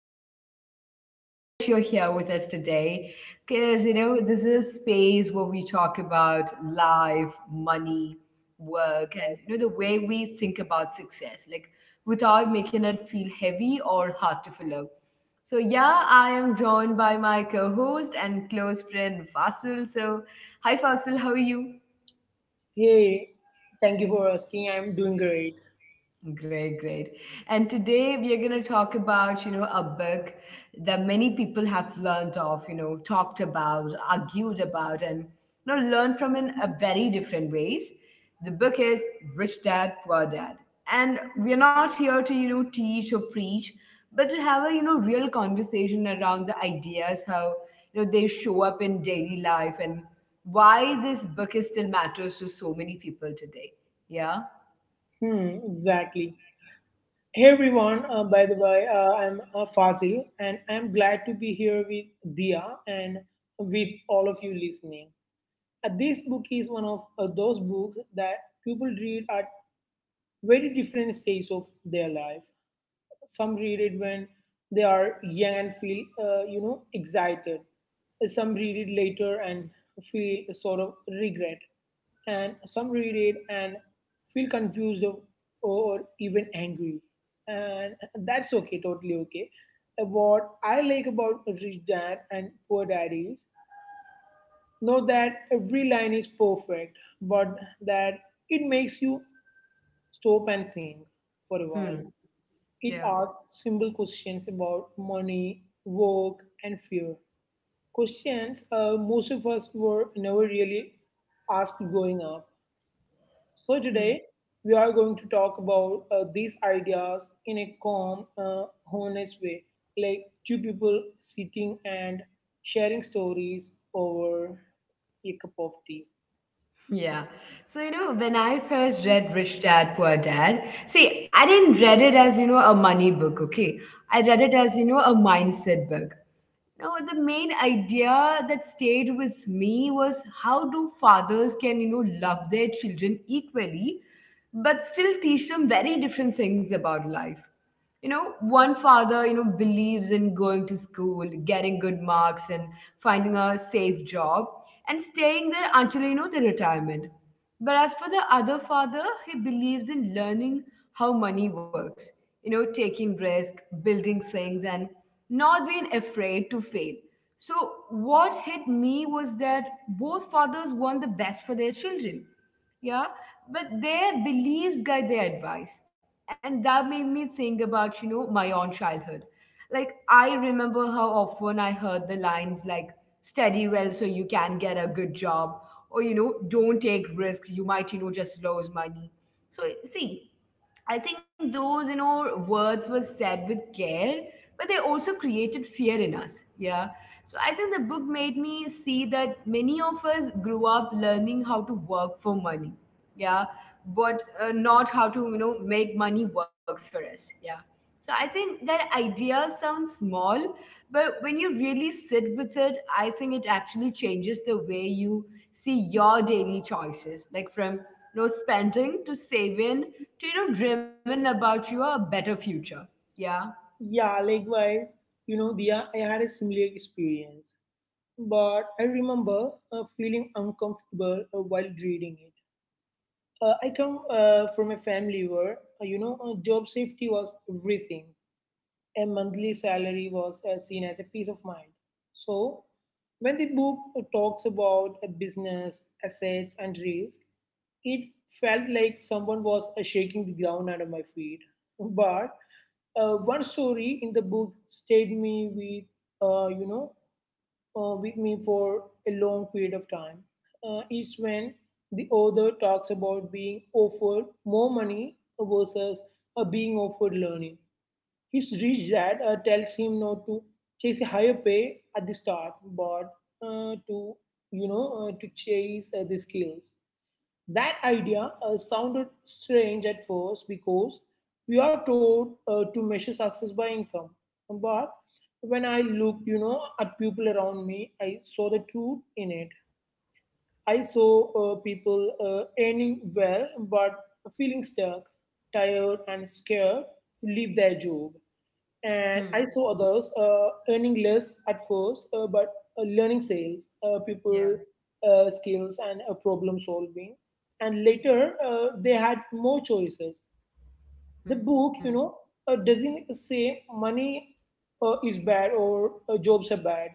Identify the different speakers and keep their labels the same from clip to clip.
Speaker 1: I'm really happy that you're here with us today because this is a space where we talk about life, money, work, and the way we think about success, like without making it feel heavy or hard to follow. So, yeah, I am joined by my co host and close friend, Fasil. So, hi, Fasil, how are you?
Speaker 2: Hey, thank you for asking. I'm doing great.
Speaker 1: Great, great. And today we are going to talk about a book that many people have learned of, talked about, argued about, and learned from in a very different ways. The book is Rich Dad, Poor Dad. And we are not here to teach or preach, but to have a real conversation around the ideas, how they show up in daily life and why this book is still matters to so many people today. Yeah.
Speaker 2: Exactly. Hey everyone, by the way, I'm Fazil, and I'm glad to be here with Dia and with all of you listening. This book is one of those books that people read at very different stages of their life. Some read it when they are young and feel, excited. Some read it later and feel a sort of regret. And some read it and feel confused or even angry. And that's okay, totally okay. What I like about Rich Dad and Poor Dad is not that every line is perfect, but that it makes you stop and think for a
Speaker 1: Hmm.
Speaker 2: while. It
Speaker 1: Yeah.
Speaker 2: asks simple questions about money, work, and fear. Questions most of us were never really asked growing up. So, today we are going to talk about these ideas in a calm, honest way, like two people sitting and sharing stories over a cup of tea.
Speaker 1: Yeah. So, when I first read Rich Dad Poor Dad, see, I didn't read it as a money book, okay? I read it as a mindset book. No, the main idea that stayed with me was how do fathers can, love their children equally, but still teach them very different things about life. One father believes in going to school, getting good marks, and finding a safe job and staying there until the retirement. But as for the other father, he believes in learning how money works, taking risk, building things, and not being afraid to fail. So, what hit me was that both fathers want the best for their children. Yeah, but their beliefs guide their advice. And that made me think about my own childhood. Like, I remember how often I heard the lines like, study well so you can get a good job, or don't take risk, you might just lose money. So see, I think those words were said with care, but they also created fear in us. Yeah. So I think the book made me see that many of us grew up learning how to work for money. Yeah. But not how to make money work for us. Yeah. So I think that idea sounds small, but when you really sit with it, I think it actually changes the way you see your daily choices, like from spending to saving to driven about your better future. Yeah.
Speaker 2: Yeah, likewise, Dia, I had a similar experience. But I remember feeling uncomfortable while reading it. I come from a family where, job safety was everything. A monthly salary was seen as a peace of mind. So, when the book talks about a business, assets, and risk, it felt like someone was shaking the ground under my feet. But one story in the book stayed me with me for a long period of time, is when the author talks about being offered more money versus being offered learning. His rich dad tells him not to chase a higher pay at the start, but to you know to chase the skills. That idea sounded strange at first because we are told to measure success by income. But when I looked, at people around me, I saw the truth in it. I saw people earning well but feeling stuck, tired, and scared to leave their job. And
Speaker 1: Hmm.
Speaker 2: I saw others earning less at first, but learning sales,
Speaker 1: Yeah.
Speaker 2: people skills, and problem solving. And later, they had more choices. The
Speaker 1: Hmm.
Speaker 2: book, doesn't say money is bad or jobs are bad,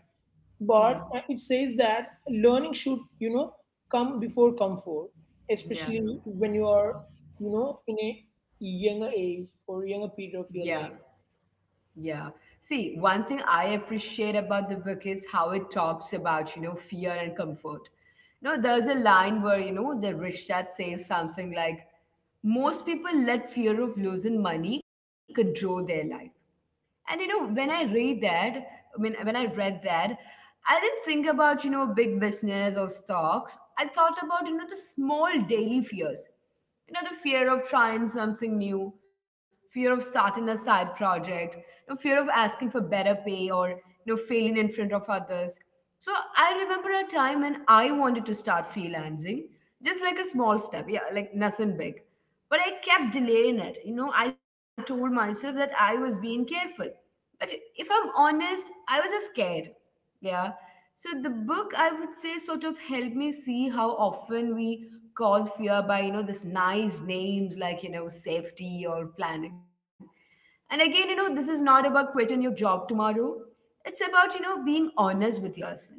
Speaker 2: but
Speaker 1: Hmm.
Speaker 2: it says that learning should, come before comfort,
Speaker 1: Yeah.
Speaker 2: especially when you are, in a younger age or younger
Speaker 1: Yeah.
Speaker 2: period of your life.
Speaker 1: Yeah. See, one thing I appreciate about the book is how it talks about fear and comfort. There's a line where the rich that says something like, most people let fear of losing money control their life. And when I read that, I mean, when I read that, I didn't think about big business or stocks. I thought about the small daily fears. The fear of trying something new, fear of starting a side project, fear of asking for better pay or failing in front of others. So I remember a time when I wanted to start freelancing, just like a small step, yeah, like nothing big. But I kept delaying it. I told myself that I was being careful. But if I'm honest, I was just scared. Yeah. So the book, I would say, sort of helped me see how often we call fear by this nice names like safety or planning. And again, this is not about quitting your job tomorrow. It's about being honest with yourself.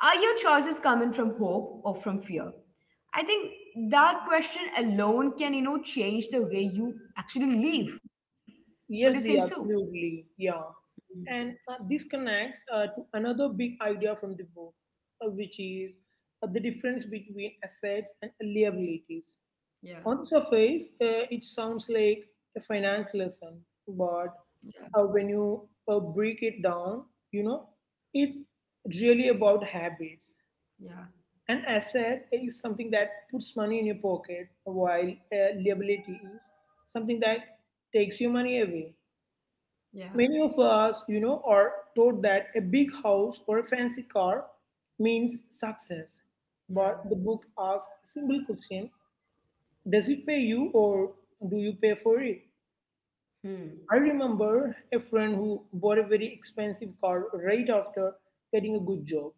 Speaker 1: Are your choices coming from hope or from fear? I think that question alone can change the way you actually live. Don't you think
Speaker 2: Yes,
Speaker 1: so?
Speaker 2: the absolutely, yeah.
Speaker 1: Mm.
Speaker 2: And this connects to another big idea from the book, which is the difference between assets and liabilities.
Speaker 1: Yeah,
Speaker 2: On the surface, it sounds like a finance lesson, but
Speaker 1: yeah,
Speaker 2: when you break it down, you know, it's really about habits.
Speaker 1: yeah,
Speaker 2: An asset is something that puts money in your pocket, while liability is something that takes your money away.
Speaker 1: yeah,
Speaker 2: Many of us, are taught that a big house or a fancy car means success.
Speaker 1: yeah.
Speaker 2: But the book asks a simple question: Does it pay you or do you pay for it?
Speaker 1: Hmm,
Speaker 2: I remember a friend who bought a very expensive car right after getting a good job.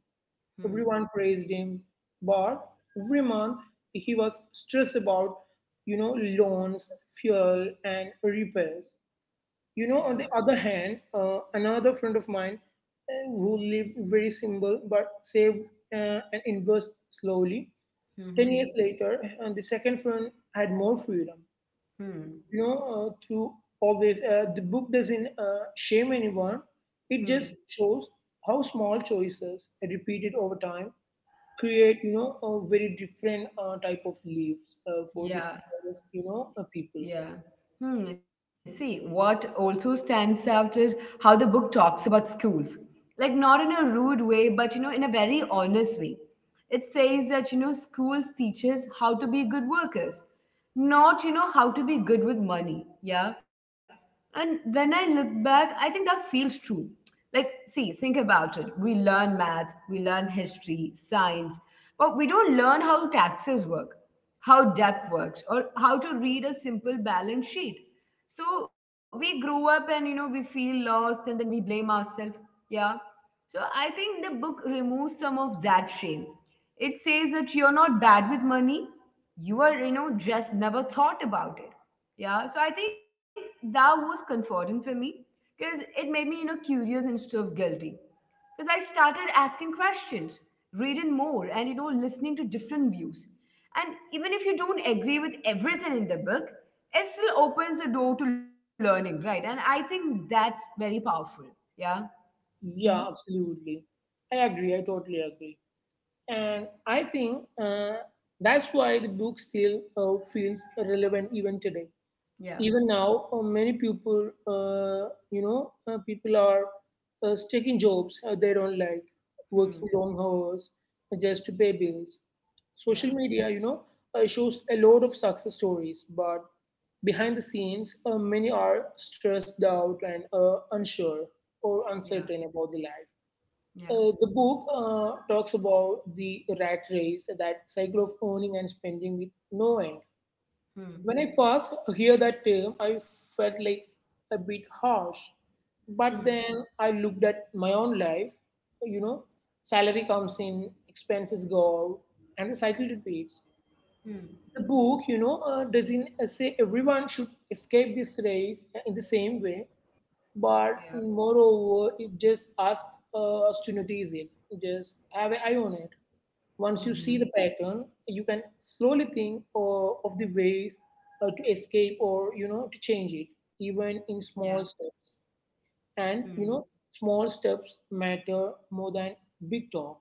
Speaker 1: hmm,
Speaker 2: Everyone praised him, but every month he was stressed about, loans, fuel, and repairs.
Speaker 1: yeah,
Speaker 2: On the other hand, another friend of mine who lived very simple but saved and invest slowly. Ten
Speaker 1: hmm,
Speaker 2: years later, and the second friend had more freedom.
Speaker 1: hmm,
Speaker 2: Through all this, the book doesn't shame anyone. It just
Speaker 1: hmm.
Speaker 2: shows how small choices, repeated over time, create a very different type of leaves for
Speaker 1: Yeah,
Speaker 2: different kind of, people.
Speaker 1: yeah. Hmm. See, what also stands out is how the book talks about schools. Like, not in a rude way, but in a very honest way. It says that schools teach us how to be good workers, not how to be good with money. Yeah. And when I look back, I think that feels true. Like, see, think about it. We learn math, we learn history, science, but we don't learn how taxes work, how debt works, or how to read a simple balance sheet. So we grow up and we feel lost, and then we blame ourselves. Yeah. So I think the book removes some of that shame. It says that you're not bad with money, you are, just never thought about it. Yeah. So I think that was comforting for me, because it made me curious instead of guilty. Because I started asking questions, reading more, and listening to different views. And even if you don't agree with everything in the book, it still opens the door to learning, right? And I think that's very powerful. Yeah. Hmm.
Speaker 2: Yeah, absolutely. I agree. I totally agree. And I think that's why the book still feels relevant even today.
Speaker 1: Yeah.
Speaker 2: Even now, many people, you know, people are taking jobs they don't like,
Speaker 1: Hmm.
Speaker 2: working long hours just to pay bills.
Speaker 1: Yeah.
Speaker 2: Social media, shows a lot of success stories, but behind the scenes, many are stressed out and unsure or
Speaker 1: Yeah.
Speaker 2: uncertain about the life.
Speaker 1: Yeah.
Speaker 2: The book talks about the rat race, that cycle of earning and spending with no end.
Speaker 1: Hmm.
Speaker 2: When I first hear that term, I felt like a bit harsh.
Speaker 1: Hmm.
Speaker 2: But then I looked at my own life, you know, salary comes in, expenses go out, and the cycle repeats.
Speaker 1: Hmm.
Speaker 2: The book, doesn't say everyone should escape this race in the same way,
Speaker 1: Yeah.
Speaker 2: but moreover, it just asks us to notice it, just have an eye on it. Once you
Speaker 1: Hmm.
Speaker 2: see the pattern, you can slowly think of the ways to escape or, to change it, even
Speaker 1: Yeah.
Speaker 2: in small steps.
Speaker 1: Hmm.
Speaker 2: And, small steps matter more than big talk,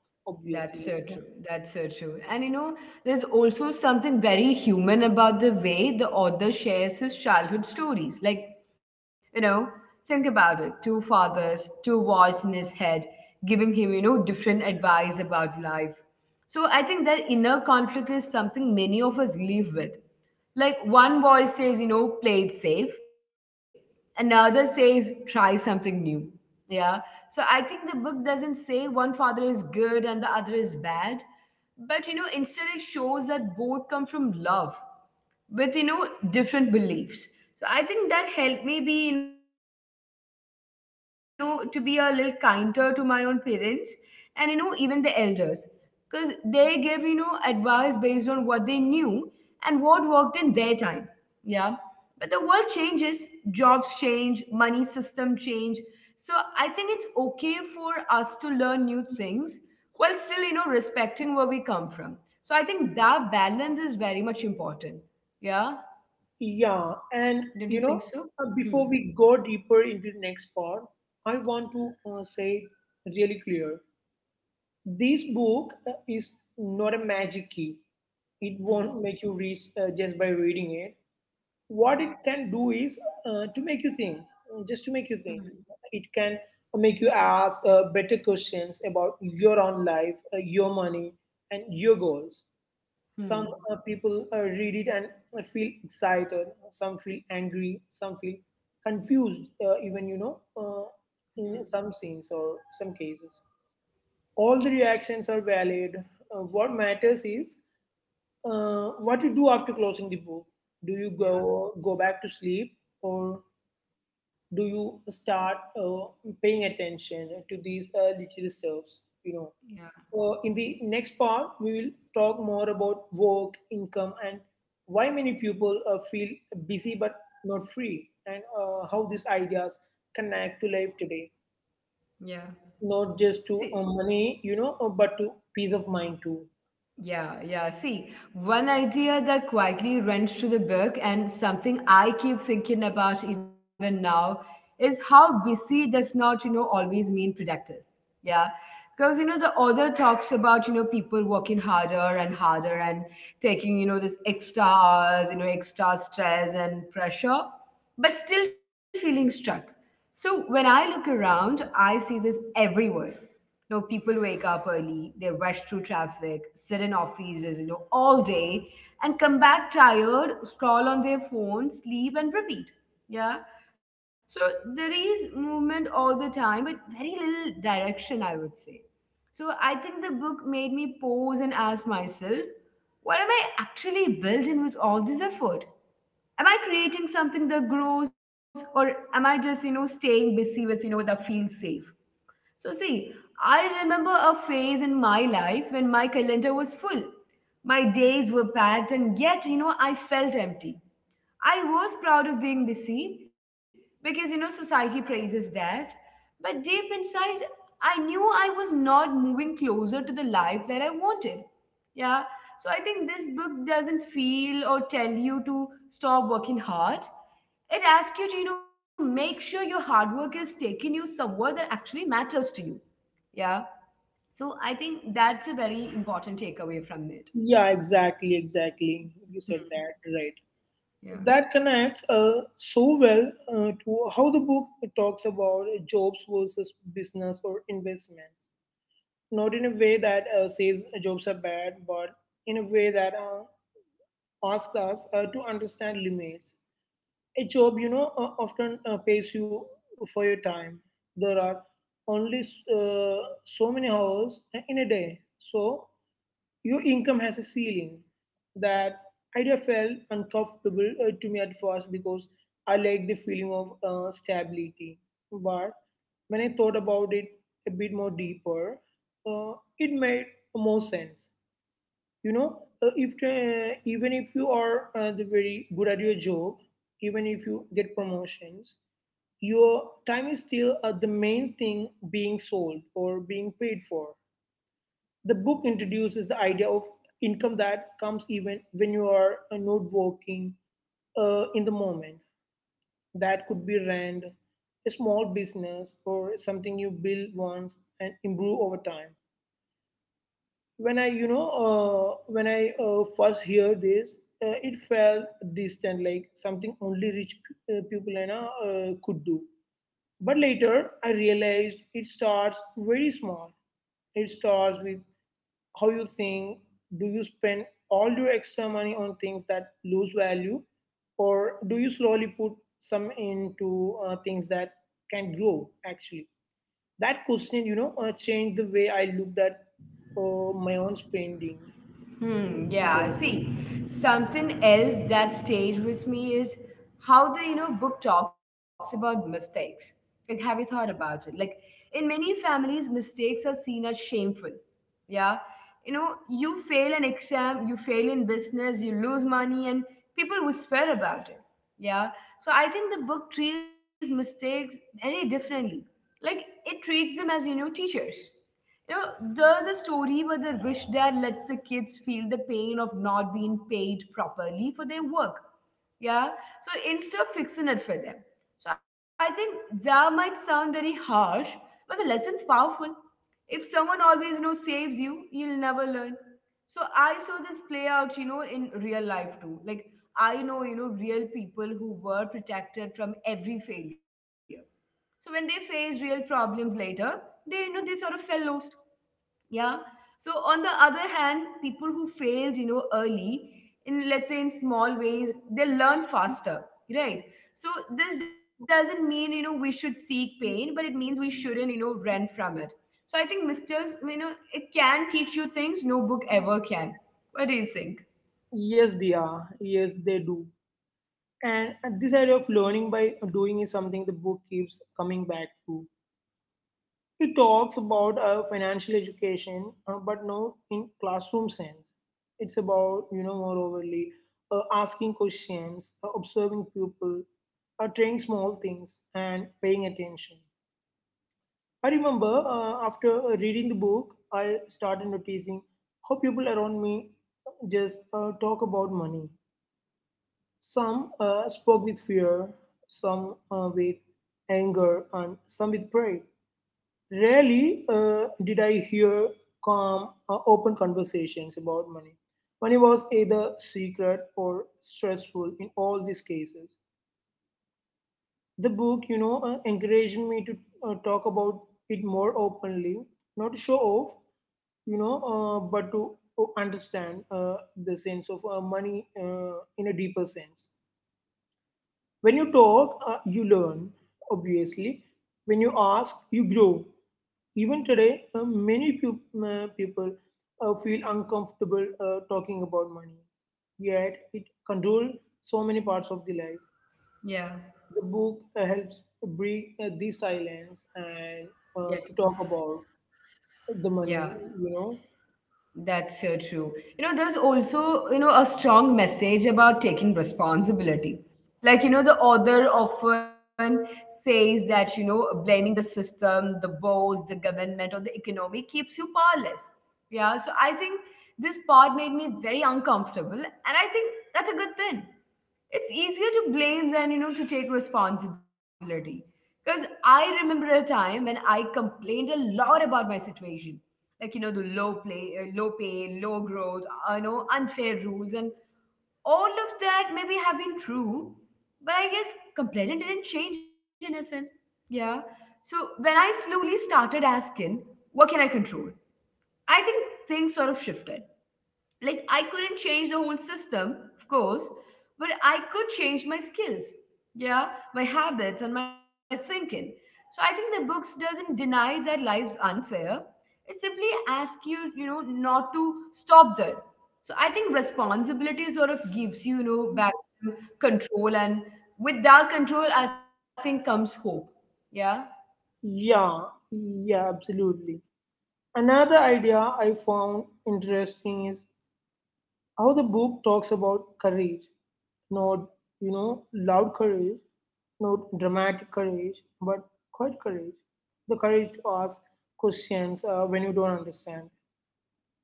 Speaker 1: That's
Speaker 2: obviously.
Speaker 1: so true. That's so true. And there's also something very human about the way the author shares his childhood stories. Like, you know, think about it, two fathers, two voice in his head, giving him different advice about life. So I think that inner conflict is something many of us live with. Like one voice says, play it safe, another says, try something new. Yeah. So I think the book doesn't say one father is good and the other is bad, but instead it shows that both come from love with different beliefs. So I think that helped me be you know to be a little kinder to my own parents, and even the elders, because they gave advice based on what they knew and what worked in their time. Yeah. But the world changes, jobs change, money system change. So I think it's okay for us to learn new things while still respecting where we come from. So I think that balance is very much important. Yeah. Don't you
Speaker 2: Yeah,
Speaker 1: think so?
Speaker 2: and
Speaker 1: Hmm.
Speaker 2: before we go deeper into the next part, I want to say really clear: this book is not a magic key. It
Speaker 1: Hmm.
Speaker 2: won't make you rich just by reading it.
Speaker 1: Yeah.
Speaker 2: What it can do is to make you think, just to make you think.
Speaker 1: Hmm.
Speaker 2: It can make you ask better questions about your own life, your money, and your goals.
Speaker 1: Hmm.
Speaker 2: Some people read it and feel excited. Some feel angry. Some feel confused. Even
Speaker 1: Hmm.
Speaker 2: in some scenes or some cases, all the reactions are valid. What matters is what you do after closing the book. Do you
Speaker 1: Yeah.
Speaker 2: go back to sleep, or do you start paying attention to these little stuffs? You know,
Speaker 1: Yeah.
Speaker 2: uh, in the next part, we will talk more about work, income, and why many people feel busy but not free, and how these ideas connect to life today,
Speaker 1: Yeah.
Speaker 2: not just to
Speaker 1: See.
Speaker 2: money, but to peace of mind too.
Speaker 1: Yeah, yeah. See, one idea that quietly runs through the book and something I keep thinking about even now is how busy does not always mean productive. Yeah. Because the author talks about people working harder and harder and taking this extra hours, extra stress and pressure, but still feeling stuck. So when I look around, I see this everywhere. People wake up early, they rush through traffic, sit in offices all day, and come back tired, scroll on their phone, sleep, and repeat. Yeah. So there is movement all the time, but very little direction, I would say. So I think the book made me pause and ask myself, what am I actually building with all this effort? Am I creating something that grows, or am I just staying busy with, that feels safe? So see, I remember a phase in my life when my calendar was full. My days were packed, and yet, I felt empty. I was proud of being busy because society praises that. But deep inside, I knew I was not moving closer to the life that I wanted. Yeah. So I think this book doesn't feel or tell you to stop working hard. It asks you to make sure your hard work is taking you somewhere that actually matters to you. Yeah. So I think that's a very important takeaway from it.
Speaker 2: Yeah, exactly, exactly. You said
Speaker 1: Hmm.
Speaker 2: that right.
Speaker 1: Yeah.
Speaker 2: That connects so well to how the book talks about jobs versus business or investments, not in a way that says jobs are bad, but in a way that asks us to understand limits. A job, often pays you for your time. There are only uh, so many hours in a day, so your income has a ceiling. That idea felt uncomfortable to me at first because I like the feeling of stability. But when I thought about it a bit more deeper, uh, it made more sense. You know, if even if you are the very good at your job, even if you get promotions, your time is still the main thing being sold or being paid for. The book introduces the idea of income that comes even when you are not working in the moment. That could be rent, a small business, or something you build once and improve over time. When I first heard this, it felt distant, like something only rich people could do. But later, I realized it starts very small. It starts with how you think. Do you spend all your extra money on things that lose value, or do you slowly put some into things that can grow? Actually, that question, changed the way I looked at my own spending.
Speaker 1: Hmm, yeah, see, something else that stayed with me is how the book talks about mistakes. Like, have you thought about it? Like, in many families, mistakes are seen as shameful. Yeah. You fail an exam, you fail in business, you lose money, and people whisper about it. Yeah. So I think the book treats mistakes very differently. Like, it treats them as teachers. There's a story where the rich dad lets the kids feel the pain of not being paid properly for their work. Yeah. So instead of fixing it for them. So I think that might sound very harsh, but the lesson's powerful. If someone always saves you, you'll never learn. So I saw this play out in real life too. Like I know real people who were protected from every failure, so when they faced real problems later, they you know they sort of fell lost. Yeah. So on the other hand, people who failed, you know, early in, let's say in small ways, they learn faster, right? So this doesn't mean we should seek pain, but it means we shouldn't, run from it. So I think misters, you know, it can teach you things no book ever can. What do you think?
Speaker 2: Yes, they are. Yes, they do. And this idea of learning by doing is something the book keeps coming back to. It talks about financial education, but not in classroom sense. It's about, more overly asking questions, observing people, trying small things, and paying attention. I remember after reading the book, I started noticing how people around me just talk about money. Some spoke with fear, some with anger, and some with pride. Rarely did I hear calm, open conversations about money. Money was either secret or stressful in all these cases. The book, encouraged me to talk about it more openly, not to show off, but to understand the sense of money in a deeper sense. When you talk, you learn, obviously. When you ask, you grow. Even today, many people feel uncomfortable talking about money, yet it controls so many parts of the life.
Speaker 1: Yeah.
Speaker 2: The book helps break the silence
Speaker 1: Yeah.
Speaker 2: and to talk about the
Speaker 1: Yeah.
Speaker 2: money, you know.
Speaker 1: That's so true. You know, there's also, you know, a strong message about taking responsibility. Like, you know, the author often says that, you know, blaming the system, the boss, the government, or the economy keeps you powerless. Yeah. So I think this part made me very uncomfortable. And I think that's a good thing. It's easier to blame than, to take responsibility, because I remember a time when I complained a lot about my situation, like, you know, the low play, low pay, low growth, you know, unfair rules and all of that maybe have been true, but I guess complaining didn't change anything. Yeah. So when I slowly started asking what can I control, I think things sort of shifted. Like, I couldn't change the whole system, of course, but I could change my skills, yeah, my habits and my thinking. So I think the books doesn't deny that life's unfair, it simply asks you, you know, not to stop there. So I think responsibility sort of gives you, you know, back to control, and with that control I think comes hope. Yeah.
Speaker 2: Yeah, yeah, absolutely. Another idea I found interesting is how the book talks about courage. Not, loud courage, not dramatic courage, but quiet courage. The courage to ask questions when you don't understand.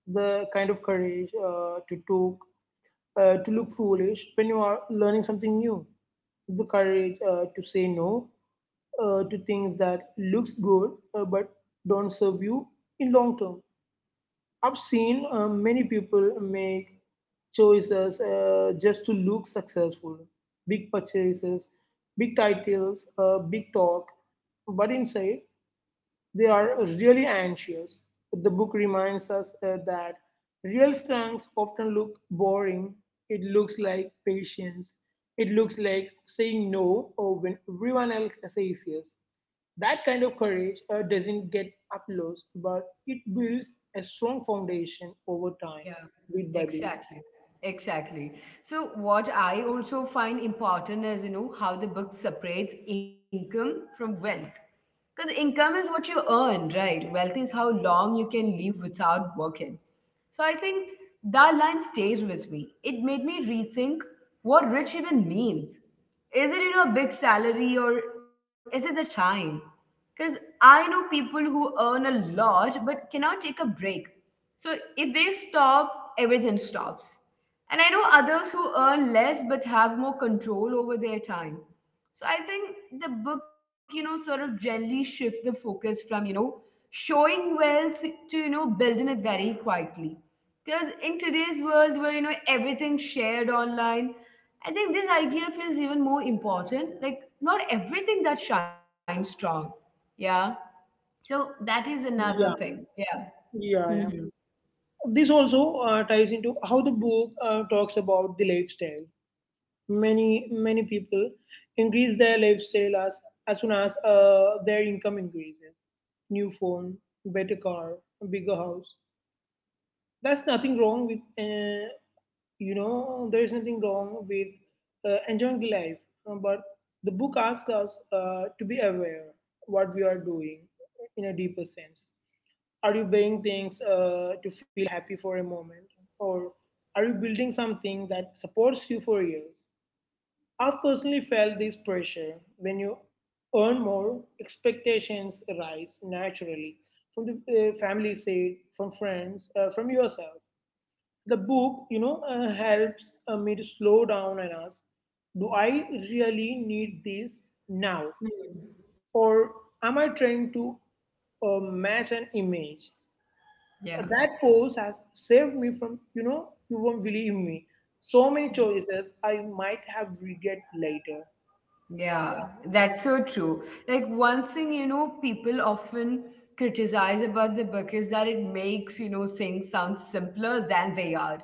Speaker 2: The kind of courage to talk, to look foolish when you are learning something new. The courage to say no to things that looks good but don't serve you in long term. I've seen many people make choices just to look successful big purchases, big titles, big talk. But inside, they are really anxious. The book reminds us that real strengths often look boring. It looks like patience. It looks like saying no or when everyone else says yes. That kind of courage doesn't get applause, but it builds a strong foundation over time,
Speaker 1: Yeah,
Speaker 2: bit by bit.
Speaker 1: exactly. Exactly. So what I also find important is, you know, how the book separates income from wealth. Because income is what you earn, right? Wealth is how long you can live without working. So I think that line stays with me. It made me rethink what rich even means. Is it, you know, a big salary, or is it the time? Because I know people who earn a lot but cannot take a break. So if they stop, everything stops. And I know others who earn less but have more control over their time. So I think the book, you know, sort of gently shift the focus from, you know, showing wealth to, you know, building it very quietly. Because in today's world where, you know, everything's shared online, I think this idea feels even more important. Like, not everything that shines strong. Yeah. So that is another
Speaker 2: Yeah,
Speaker 1: thing. Yeah.
Speaker 2: yeah, yeah.
Speaker 1: Mhm.
Speaker 2: This also ties into how the book talks about the lifestyle. Many people increase their lifestyle as soon as their income increases. New phone, better car, bigger house. That's nothing wrong with. There is nothing wrong with enjoying the life, But the book asks us to be aware what we are doing in a deeper sense. Are you buying things to feel happy for a moment, or are you building something that supports you for years? I've personally felt this pressure. When you earn more, expectations rise naturally from the family side, from friends, from yourself. The book, helps me to slow down and ask, do I really need this now? Or am I trying to match an image?
Speaker 1: Yeah.
Speaker 2: That pose has saved me from, you won't believe me, so many choices I might have regret later.
Speaker 1: Yeah, that's so true. Like one thing, you know, people often criticize about the book is that it makes, you know, things sound simpler than they are.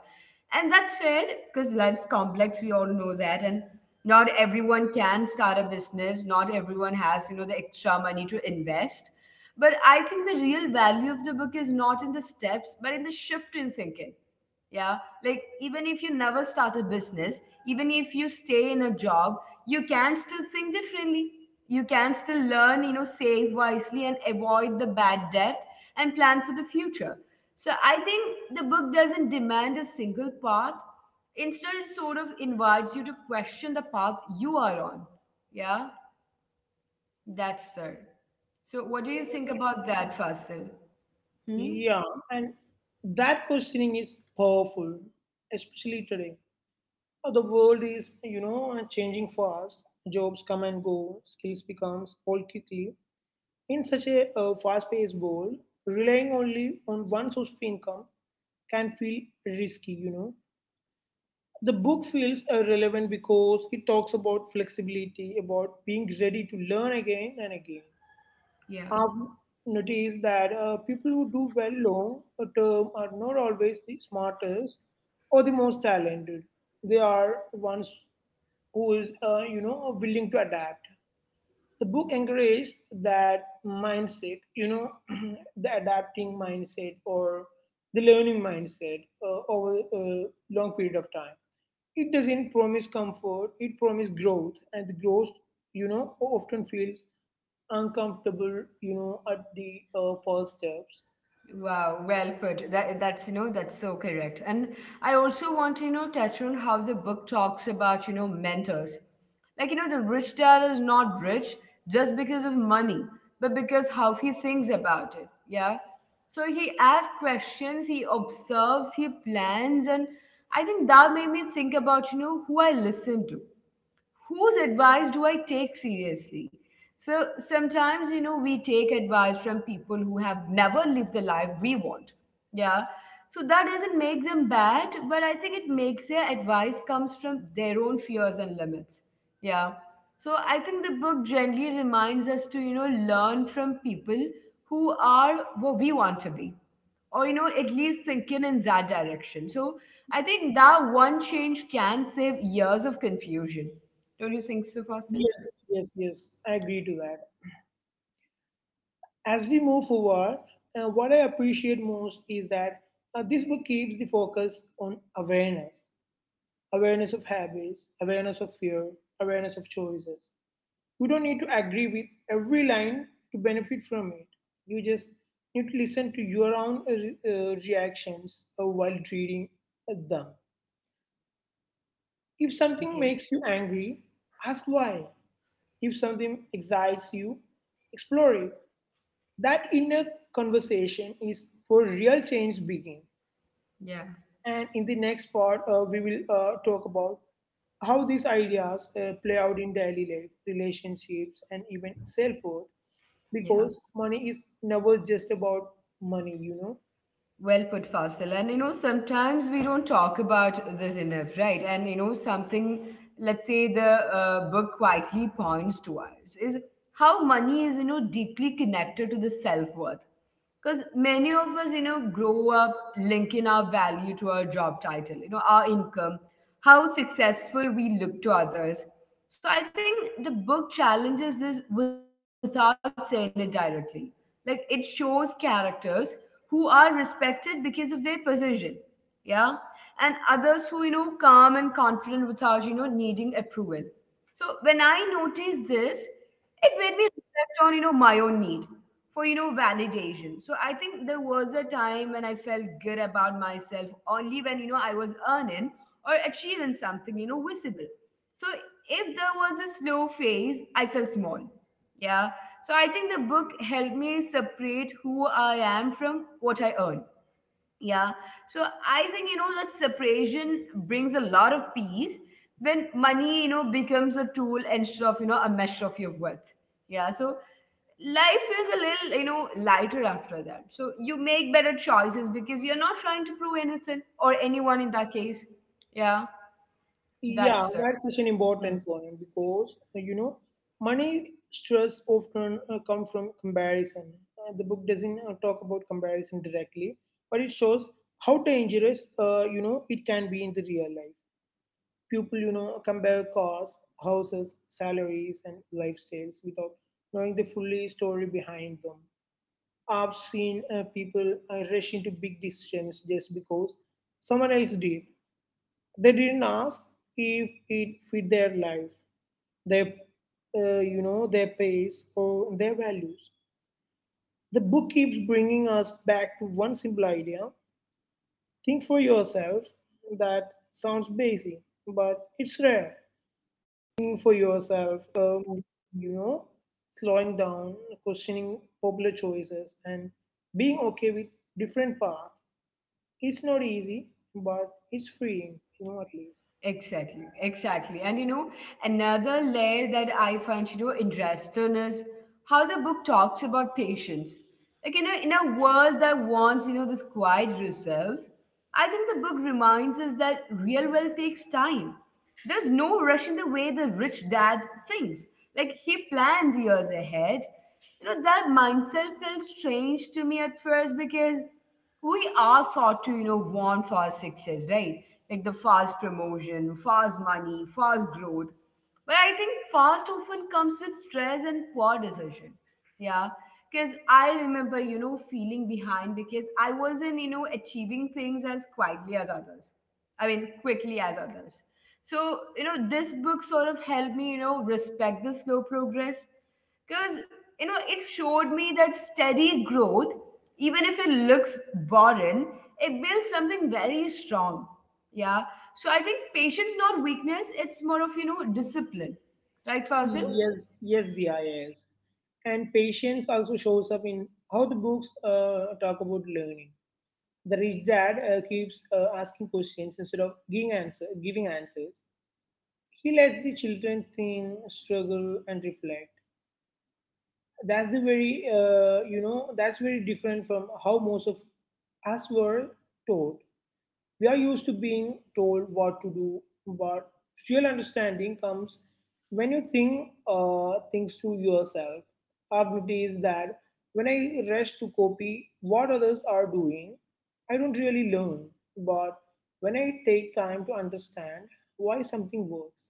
Speaker 1: And that's fair, because life's complex, we all know that. And not everyone can start a business, not everyone has, you know, the extra money to invest. But I think the real value of the book is not in the steps, but in the shift in thinking. Yeah, like even if you never start a business, even if you stay in a job, you can still think differently. You can still learn, you know, save wisely and avoid the bad debt and plan for the future. So I think the book doesn't demand a single path. Instead, it sort of invites you to question the path you are on. Yeah, that's it. So what do you think about that, Fasil? Hmm?
Speaker 2: Yeah, and that questioning is powerful, especially today. The world is changing fast. Jobs come and go. Skills becomes old quickly. In such a fast-paced world, relying only on one source of income can feel risky. The book feels relevant because it talks about flexibility, about being ready to learn again and again.
Speaker 1: Yeah.
Speaker 2: I've noticed that people who do well long term are not always the smartest or the most talented. They are ones who is, willing to adapt. The book encouraged that mindset, the adapting mindset or the learning mindset over a long period of time. It doesn't promise comfort, it promises growth, and the growth, often feels uncomfortable, at the first steps.
Speaker 1: Wow, well put. That's you know that's so correct. And I also want to, you know, touch on how the book talks about, you know, mentors. Like, you know, the rich dad is not rich just because of money, but because how he thinks about it. Yeah. So he asks questions, he observes, he plans, and I think that made me think about, you know, who I listen to, whose advice do I take seriously? So sometimes, you know, we take advice from people who have never lived the life we want. Yeah. So that doesn't make them bad, but I think it makes their advice comes from their own fears and limits. Yeah. So I think the book generally reminds us to, you know, learn from people who are what we want to be, or you know, at least thinking in that direction. So I think that one change can save years of confusion. Don't you think so, Fasil?
Speaker 2: Yes, yes, yes. I agree to that. As we move forward, what I appreciate most is that this book keeps the focus on awareness. Awareness of habits, awareness of fear, awareness of choices. You don't need to agree with every line to benefit from it. You just need to listen to your own reactions while reading them. If something
Speaker 1: Yeah,
Speaker 2: makes you angry, ask why. If something excites you, explore it. That inner conversation is where real change begins.
Speaker 1: yeah,
Speaker 2: And in the next part, we will talk about how these ideas play out in daily life, relationships, and even self worth.
Speaker 1: yeah.
Speaker 2: Because money is never just about money.
Speaker 1: Well put, Fasil. And you know, sometimes we don't talk about this enough, right? And you know, something, let's say the book quietly points towards, is how money is, you know, deeply connected to the self worth. Because many of us, you know, grow up linking our value to our job title, you know, our income, how successful we look to others. So I think the book challenges this without saying it directly. Like, it shows characters who are respected because of their position. Yeah. And others who, you know, calm and confident without, you know, needing approval. So when I noticed this, it made me reflect on, you know, my own need for, you know, validation. So I think there was a time when I felt good about myself only when, you know, I was earning or achieving something, you know, visible. So if there was a slow phase, I felt small. Yeah. So I think the book helped me separate who I am from what I earn. Yeah. So I think, you know, that separation brings a lot of peace when money, you know, becomes a tool instead of, you know, a measure of your worth. Yeah. So life feels a little, you know, lighter after that. So you make better choices because you're not trying to prove anything or anyone in that case. Yeah.
Speaker 2: Yeah,
Speaker 1: That's the.
Speaker 2: that's such an important point because money stress often comes from comparison. The book doesn't talk about comparison directly, but it shows how dangerous it can be in the real life. People, compare cars, houses, salaries, and lifestyles without knowing the fully story behind them. I've seen people rush into big decisions just because someone else did. They didn't ask if it fit their life, their, their pace or their values. The book keeps bringing us back to one simple idea: think for yourself. That sounds basic, but it's rare thinking for yourselfyou know, slowing down, questioning popular choices, and being okay with different path. It's not easy, but it's freeing, at least.
Speaker 1: Exactly, exactly. And you know, another layer that I find, you know, interesting is how the book talks about patience. Like, you know, in a world that wants, you know, this quiet results, I think the book reminds us that real wealth takes time. There's no rush in the way the rich dad thinks. Like, he plans years ahead. You know, that mindset felt strange to me at first, because we are taught to, you know, want fast success, right? Like the fast promotion, fast money, fast growth, but I think fast often comes with stress and poor decision. Yeah. Because I remember, you know, feeling behind because I wasn't, you know, achieving things as quietly as others, I mean quickly as others. So, you know, this book sort of helped me, you know, respect the slow progress, because, you know, it showed me that steady growth, even if it looks boring, it builds something very strong. Yeah. So I think patience not weakness, it's more of, you know, discipline, right, Fazil?
Speaker 2: Yes, yes, the is. And patience also shows up in how the books talk about learning. The rich dad keeps asking questions instead of giving answers. He lets the children think, struggle, and reflect. That's the very you know that's very different from how most of us were taught. We are used to being told what to do, but real understanding comes when you think things to yourself. I've noticed that when I rush to copy what others are doing, I don't really learn. But when I take time to understand why something works,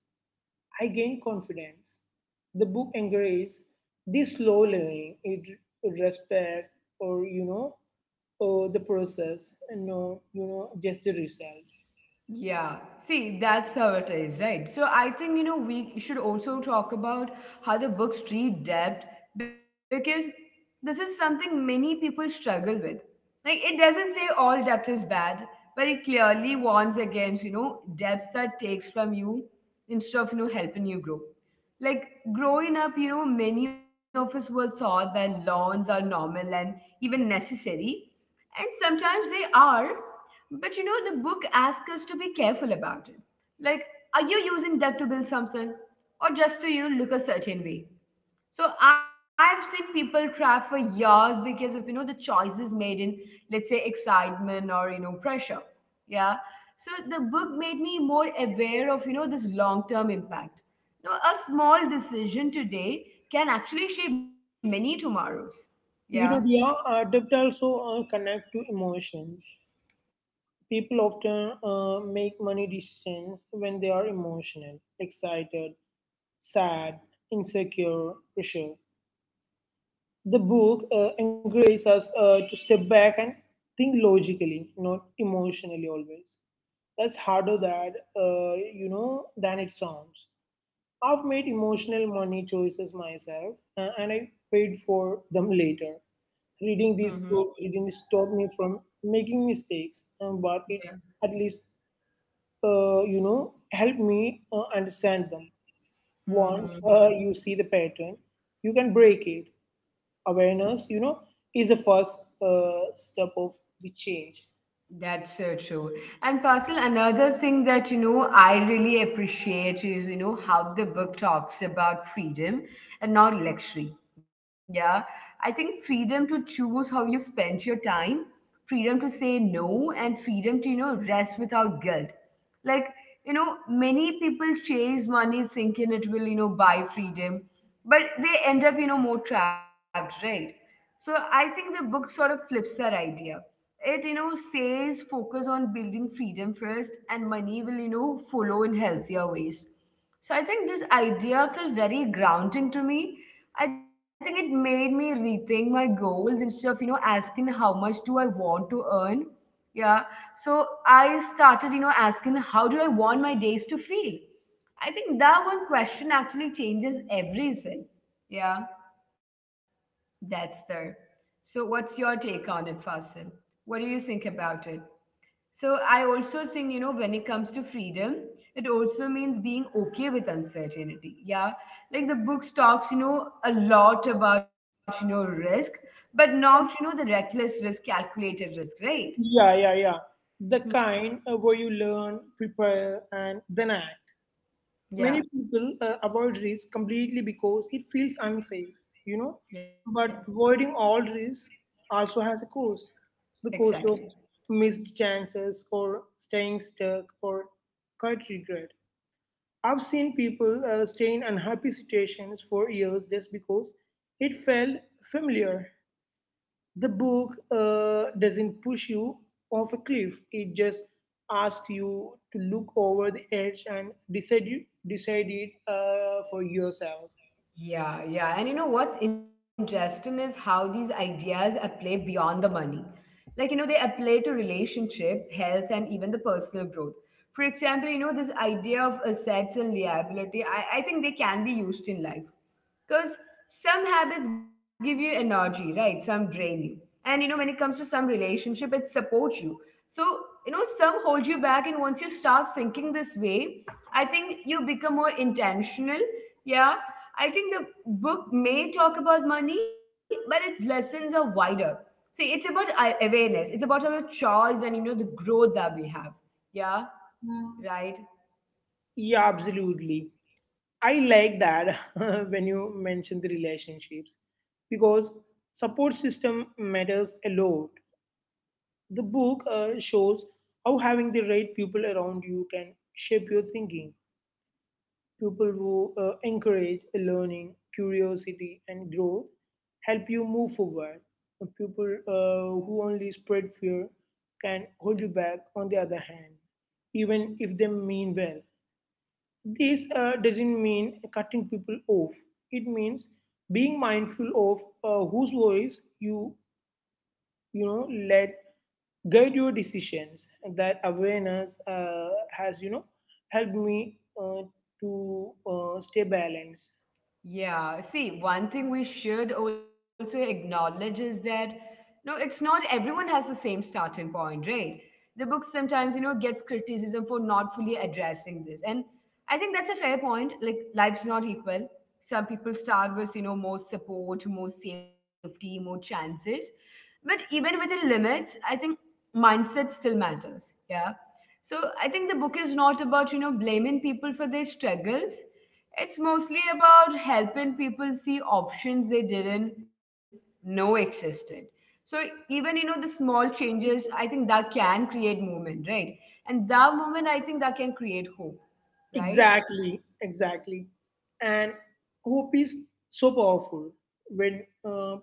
Speaker 2: I gained confidence. The book encourages this slow learning. It respect or you know the process and no just the result.
Speaker 1: Yeah, see, that's how it is, right? So I think, you know, we should also talk about how the books treat debt, because this is something many people struggle with. Like, it doesn't say all debt is bad, but it clearly warns against, you know, debts that takes from you instead of, you know, helping you grow. Like, growing up, you know, many of us were taught that loans are normal and even necessary. And sometimes they are, but you know, the book asks us to be careful about it. Like, are you using that to build something, or just to, you know, look a certain way? So I've seen people cry for years because of, you know, the choices made in, let's say, excitement or, you know, pressure. Yeah. So the book made me more aware of, you know, this long term impact. Now, a small decision today can actually shape many tomorrows. Yeah.
Speaker 2: The debt also connect to emotions. People often make money decisions when they are emotional, excited, sad, insecure, pressure. The book encourages us to step back and think logically, not emotionally always. That's harder that than it sounds. I've made emotional money choices myself, and I paid for them later. Reading
Speaker 1: Mm-hmm.
Speaker 2: these books didn't stop me from making mistakes, but it
Speaker 1: Yeah.
Speaker 2: at least helped me understand them. Once
Speaker 1: Mm-hmm.
Speaker 2: you see the pattern, you can break it. Awareness, is the first step of the change.
Speaker 1: That's so true. And Fasil, another thing that, you know, I really appreciate is, you know, how the book talks about freedom and not luxury. Yeah, I think freedom to choose how you spend your time, freedom to say no, and freedom to, you know, rest without guilt. Like, you know, many people chase money thinking it will, you know, buy freedom, but they end up, you know, more trapped, right? So I think the book sort of flips that idea. It, you know, says focus on building freedom first and money will, you know, follow in healthier ways. So I think this idea felt very grounding to me. I think it made me rethink my goals instead of, you know, asking how much do I want to earn. Yeah. So I started, you know, asking how do I want my days to feel? I think that one question actually changes everything. Yeah. That's there. So, what's your take on it, Fasil? What do you think about it? So, I also think, you know, when it comes to freedom, it also means being okay with uncertainty. Yeah. Like the book talks, you know, a lot about, you know, risk, but not, you know, the reckless risk, calculated risk, right?
Speaker 2: Yeah, yeah, yeah. The
Speaker 1: Hmm.
Speaker 2: kind where you learn, prepare, and then act.
Speaker 1: Yeah.
Speaker 2: Many people avoid risk completely because it feels unsafe, you know.
Speaker 1: Yeah.
Speaker 2: But avoiding all risk also has a cost, the cost
Speaker 1: Exactly.
Speaker 2: of missed chances, or staying stuck, or quite regret. I've seen people stay in unhappy situations for years just because it felt familiar. The book doesn't push you off a cliff, it just asks you to look over the edge and decide it for yourself.
Speaker 1: Yeah, yeah. And you know what's interesting is how these ideas apply beyond the money. Like, you know, they apply to relationship, health, and even the personal growth. For example, this idea of assets and liability, I think they can be used in life. Because some habits give you energy, right? Some drain you. And, you know, when it comes to some relationship, it supports you. So, you know, some hold you back. And once you start thinking this way, I think you become more intentional. Yeah. I think the book may talk about money, but its lessons are wider. See, it's about awareness. It's about our choice and the growth that we have. Yeah,
Speaker 2: Mm.
Speaker 1: right.
Speaker 2: Yeah, absolutely. I like that when you mention the relationships because support system matters a lot. The book shows how having the right people around you can shape your thinking. People who encourage learning, curiosity, and growth help you move forward. The people who only spread fear can hold you back, on the other hand, even if they mean well. This doesn't mean cutting people off, it means being mindful of whose voice you you know let guide your decisions. That awareness has helped me uh, to stay balanced.
Speaker 1: Yeah, see, one thing we should also acknowledge is that no, it's not everyone has the same starting point, right? The book sometimes, you know, gets criticism for not fully addressing this. And I think that's a fair point. Like, life's not equal. Some people start with, you know, more support, more safety, more chances. But even within limits, I think mindset still matters. Yeah. So I think the book is not about, you know, blaming people for their struggles, it's mostly about helping people see options they didn't know existed. So even the small changes, I think that can create movement, right? And that moment, I think that can create hope, right?
Speaker 2: Exactly, exactly. And hope is so powerful when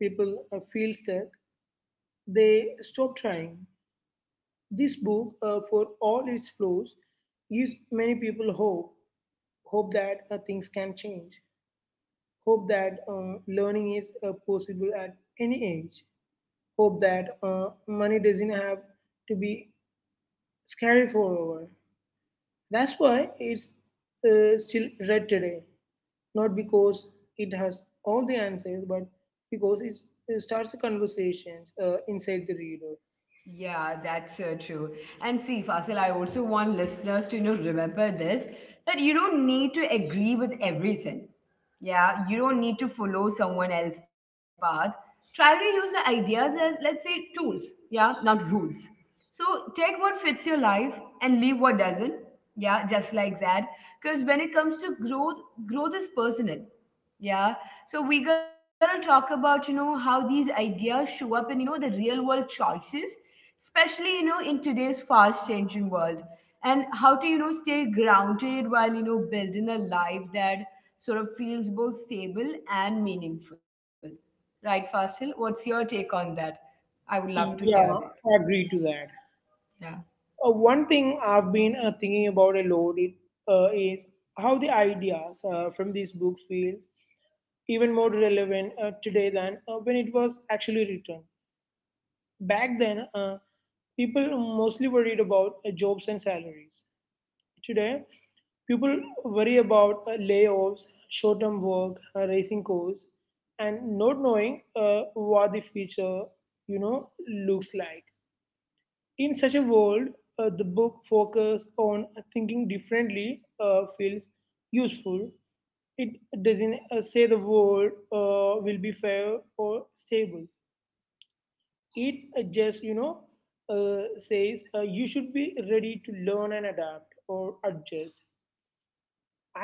Speaker 2: people feel stuck, they stop trying. This book for all its flaws gives many people hope. Hope that things can change. Hope that learning is possible at any age. Hope that money doesn't have to be scary forever. That's why it's still read today, not because it has all the answers, but because it starts the conversations inside the reader.
Speaker 1: Yeah, that's true. And see, Fasil, I also want listeners to remember this that you don't need to agree with everything. Yeah, you don't need to follow someone else's path. Try to use the ideas as, let's say, tools. Yeah, not rules. So take what fits your life and leave what doesn't. Yeah, just like that. Because when it comes to growth, growth is personal. Yeah. So we're gonna talk about, you know, how these ideas show up in, you know, the real world choices, especially, you know, in today's fast changing world. And how to, you know, stay grounded while, you know, building a life that sort of feels both stable and meaningful. Right, Fasil? What's your take on that? I would love to hear
Speaker 2: Yeah,
Speaker 1: that.
Speaker 2: I agree to that.
Speaker 1: Yeah.
Speaker 2: One thing I've been thinking about a lot is how the ideas from these books feel even more relevant today than when it was actually written. Back then, people mostly worried about jobs and salaries. Today, people worry about layoffs, short term work, rising costs, and not knowing what the future you know looks like. In such a world, the book focus on thinking differently feels useful. It doesn't say the world will be fair or stable. It just says you should be ready to learn and adapt or adjust.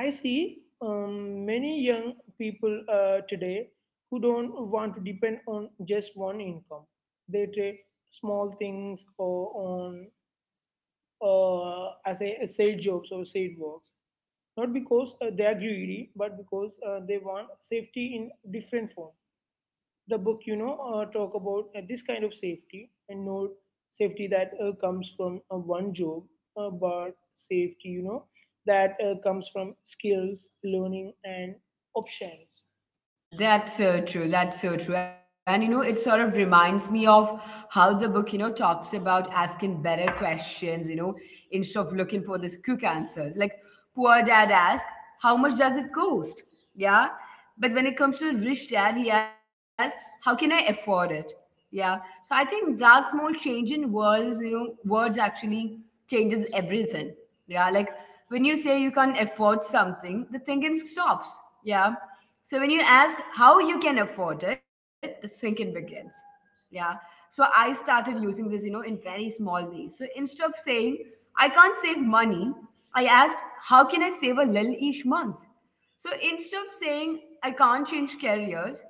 Speaker 2: I see many young people today who don't want to depend on just one income. They take small things or on as a side jobs or side works, not because they are greedy, but because they want safety in different forms. The book talk about this kind of safety, and not safety that comes from one job, but safety that comes from skills, learning, and options.
Speaker 1: That's so true. That's so true. And you know, it sort of reminds me of how the book, you know, talks about asking better questions, you know, instead of looking for these quick answers. Like, poor dad asks, "How much does it cost?" Yeah. But when it comes to rich dad, he asks, "How can I afford it?" Yeah. So I think that small change in words, you know, words actually changes everything. Yeah. Like when you say you can't afford something, the thinking stops. Yeah. So when you ask how you can afford it, the thinking begins. Yeah. So I started using this, you know, in very small ways. So instead of saying I can't save money, I asked how can I save a little each month? So instead of saying I can't change careers,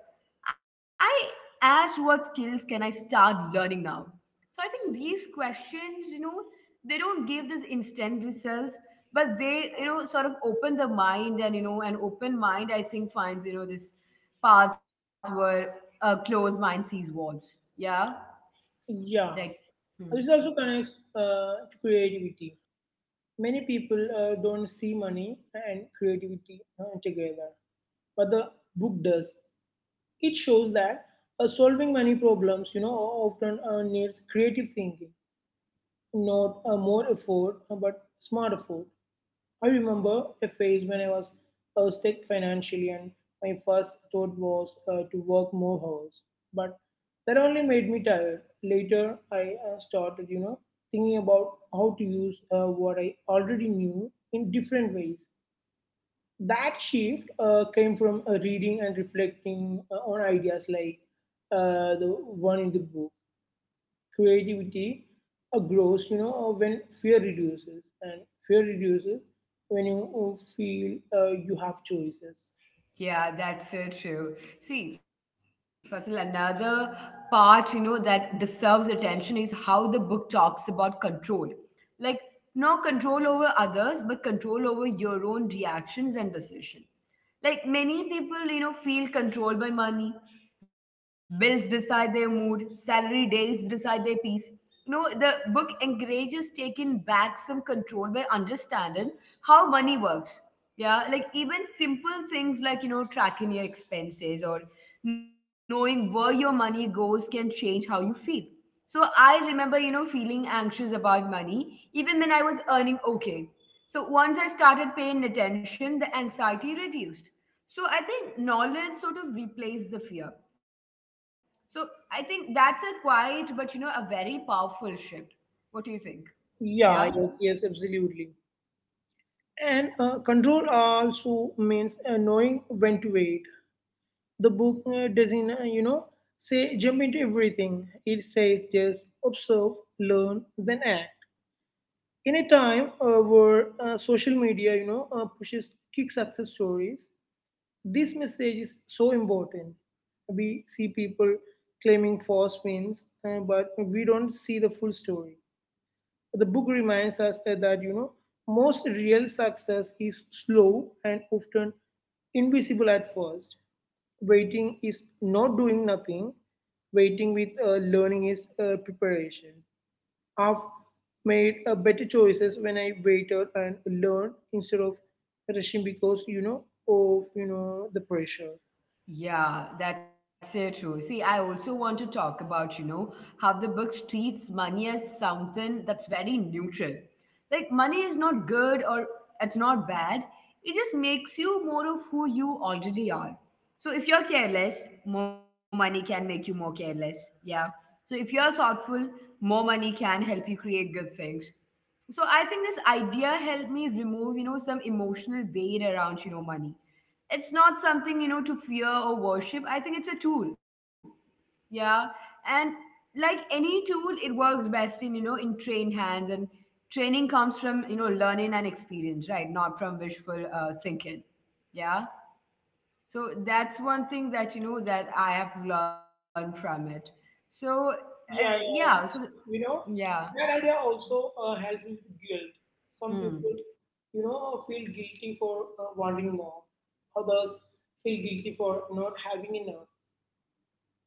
Speaker 1: I asked what skills can I start learning now? So I think these questions, you know, they don't give this instant results, but they, you know, sort of open the mind, and, you know, an open mind, I think, finds, you know, this paths where a closed mind sees walls. Yeah.
Speaker 2: Yeah,
Speaker 1: Like, hmm.
Speaker 2: this also connects to creativity. Many people don't see money and creativity together, but the book does. It shows that solving money problems often needs creative thinking, not a more effort, but smart effort. I remember a phase when I was stuck financially, and my first thought was to work more hours. But that only made me tired. Later, I started, thinking about how to use what I already knew in different ways. That shift came from reading and reflecting on ideas like the one in the book. Creativity grows when fear reduces, and fear reduces when you feel you have choices.
Speaker 1: Yeah, that's so true. See, Faisal, another part, you know, that deserves attention is how the book talks about control. Like, not control over others, but control over your own reactions and decision. Like many people, you know, feel controlled by money. Bills decide their mood, salary dates decide their peace. You know, the book encourages taking back some control by understanding how money works. Yeah, like even simple things like, you know, tracking your expenses or knowing where your money goes can change how you feel. So I remember, you know, feeling anxious about money, even when I was earning okay. So once I started paying attention, the anxiety reduced. So I think knowledge sort of replaced the fear. So I think that's a quiet, but you know, a very powerful shift. What do you think?
Speaker 2: Yeah,
Speaker 1: Yeah?
Speaker 2: yes, yes, absolutely. And control also means knowing when to wait. The book doesn't, say jump into everything. It says just observe, learn, then act. In a time where social media, pushes quick success stories, this message is so important. We see people claiming false wins, but we don't see the full story. The book reminds us that, most real success is slow and often invisible at first. Waiting is not doing nothing. Waiting with learning is preparation. I've made better choices when I waited and learned instead of rushing because you know of you know the pressure.
Speaker 1: Yeah, that's so true. See, I also want to talk about, you know, how the book treats money as something that's very neutral. Like, money is not good or it's not bad. It just makes you more of who you already are. So, if you're careless, more money can make you more careless. Yeah. So, if you're thoughtful, more money can help you create good things. So I think this idea helped me remove, you know, some emotional weight around, you know, money. It's not something to fear or worship. I think it's a tool. Yeah. And like any tool, it works best in, you know, in trained hands. And training comes from, you know, learning and experience, right, not from wishful thinking. Yeah. So that's one thing that that I have learned from it. So
Speaker 2: Yeah,
Speaker 1: yeah,
Speaker 2: yeah,
Speaker 1: so
Speaker 2: yeah. You know,
Speaker 1: yeah.
Speaker 2: that idea also helps with guilt. Some
Speaker 1: Hmm.
Speaker 2: people, you know, feel guilty for wanting more. Others feel guilty for not having enough.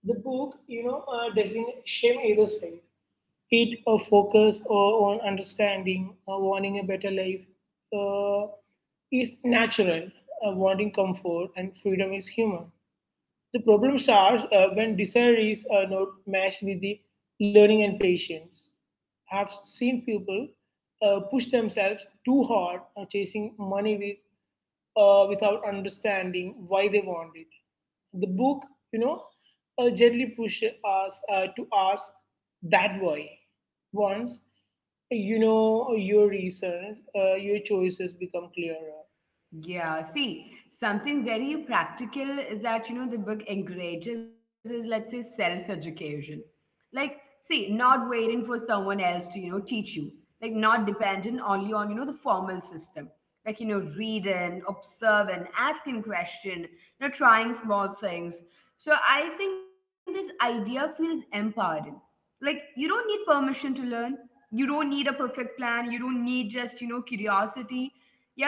Speaker 2: The book, doesn't shame either side. It focuses on understanding. Wanting a better life uh, is natural. Wanting comfort and freedom is human. The problem starts when desire is not matched with the learning and patience. I've seen people push themselves too hard, chasing money with, without understanding why they want it. The book, you know, gently pushes us to ask that why. Once you know your reasons, your choices become clearer.
Speaker 1: Yeah, see, something very practical is that, you know, the book encourages is, let's say, self-education. Like, see, not waiting for someone else to, you know, teach you. Like, not dependent only on, you know, the formal system. Like, you know, reading, observing, asking question, you know, trying small things. So I think this idea feels empowering. Like you don't need permission to learn, you don't need a perfect plan, you don't need just, you know, curiosity.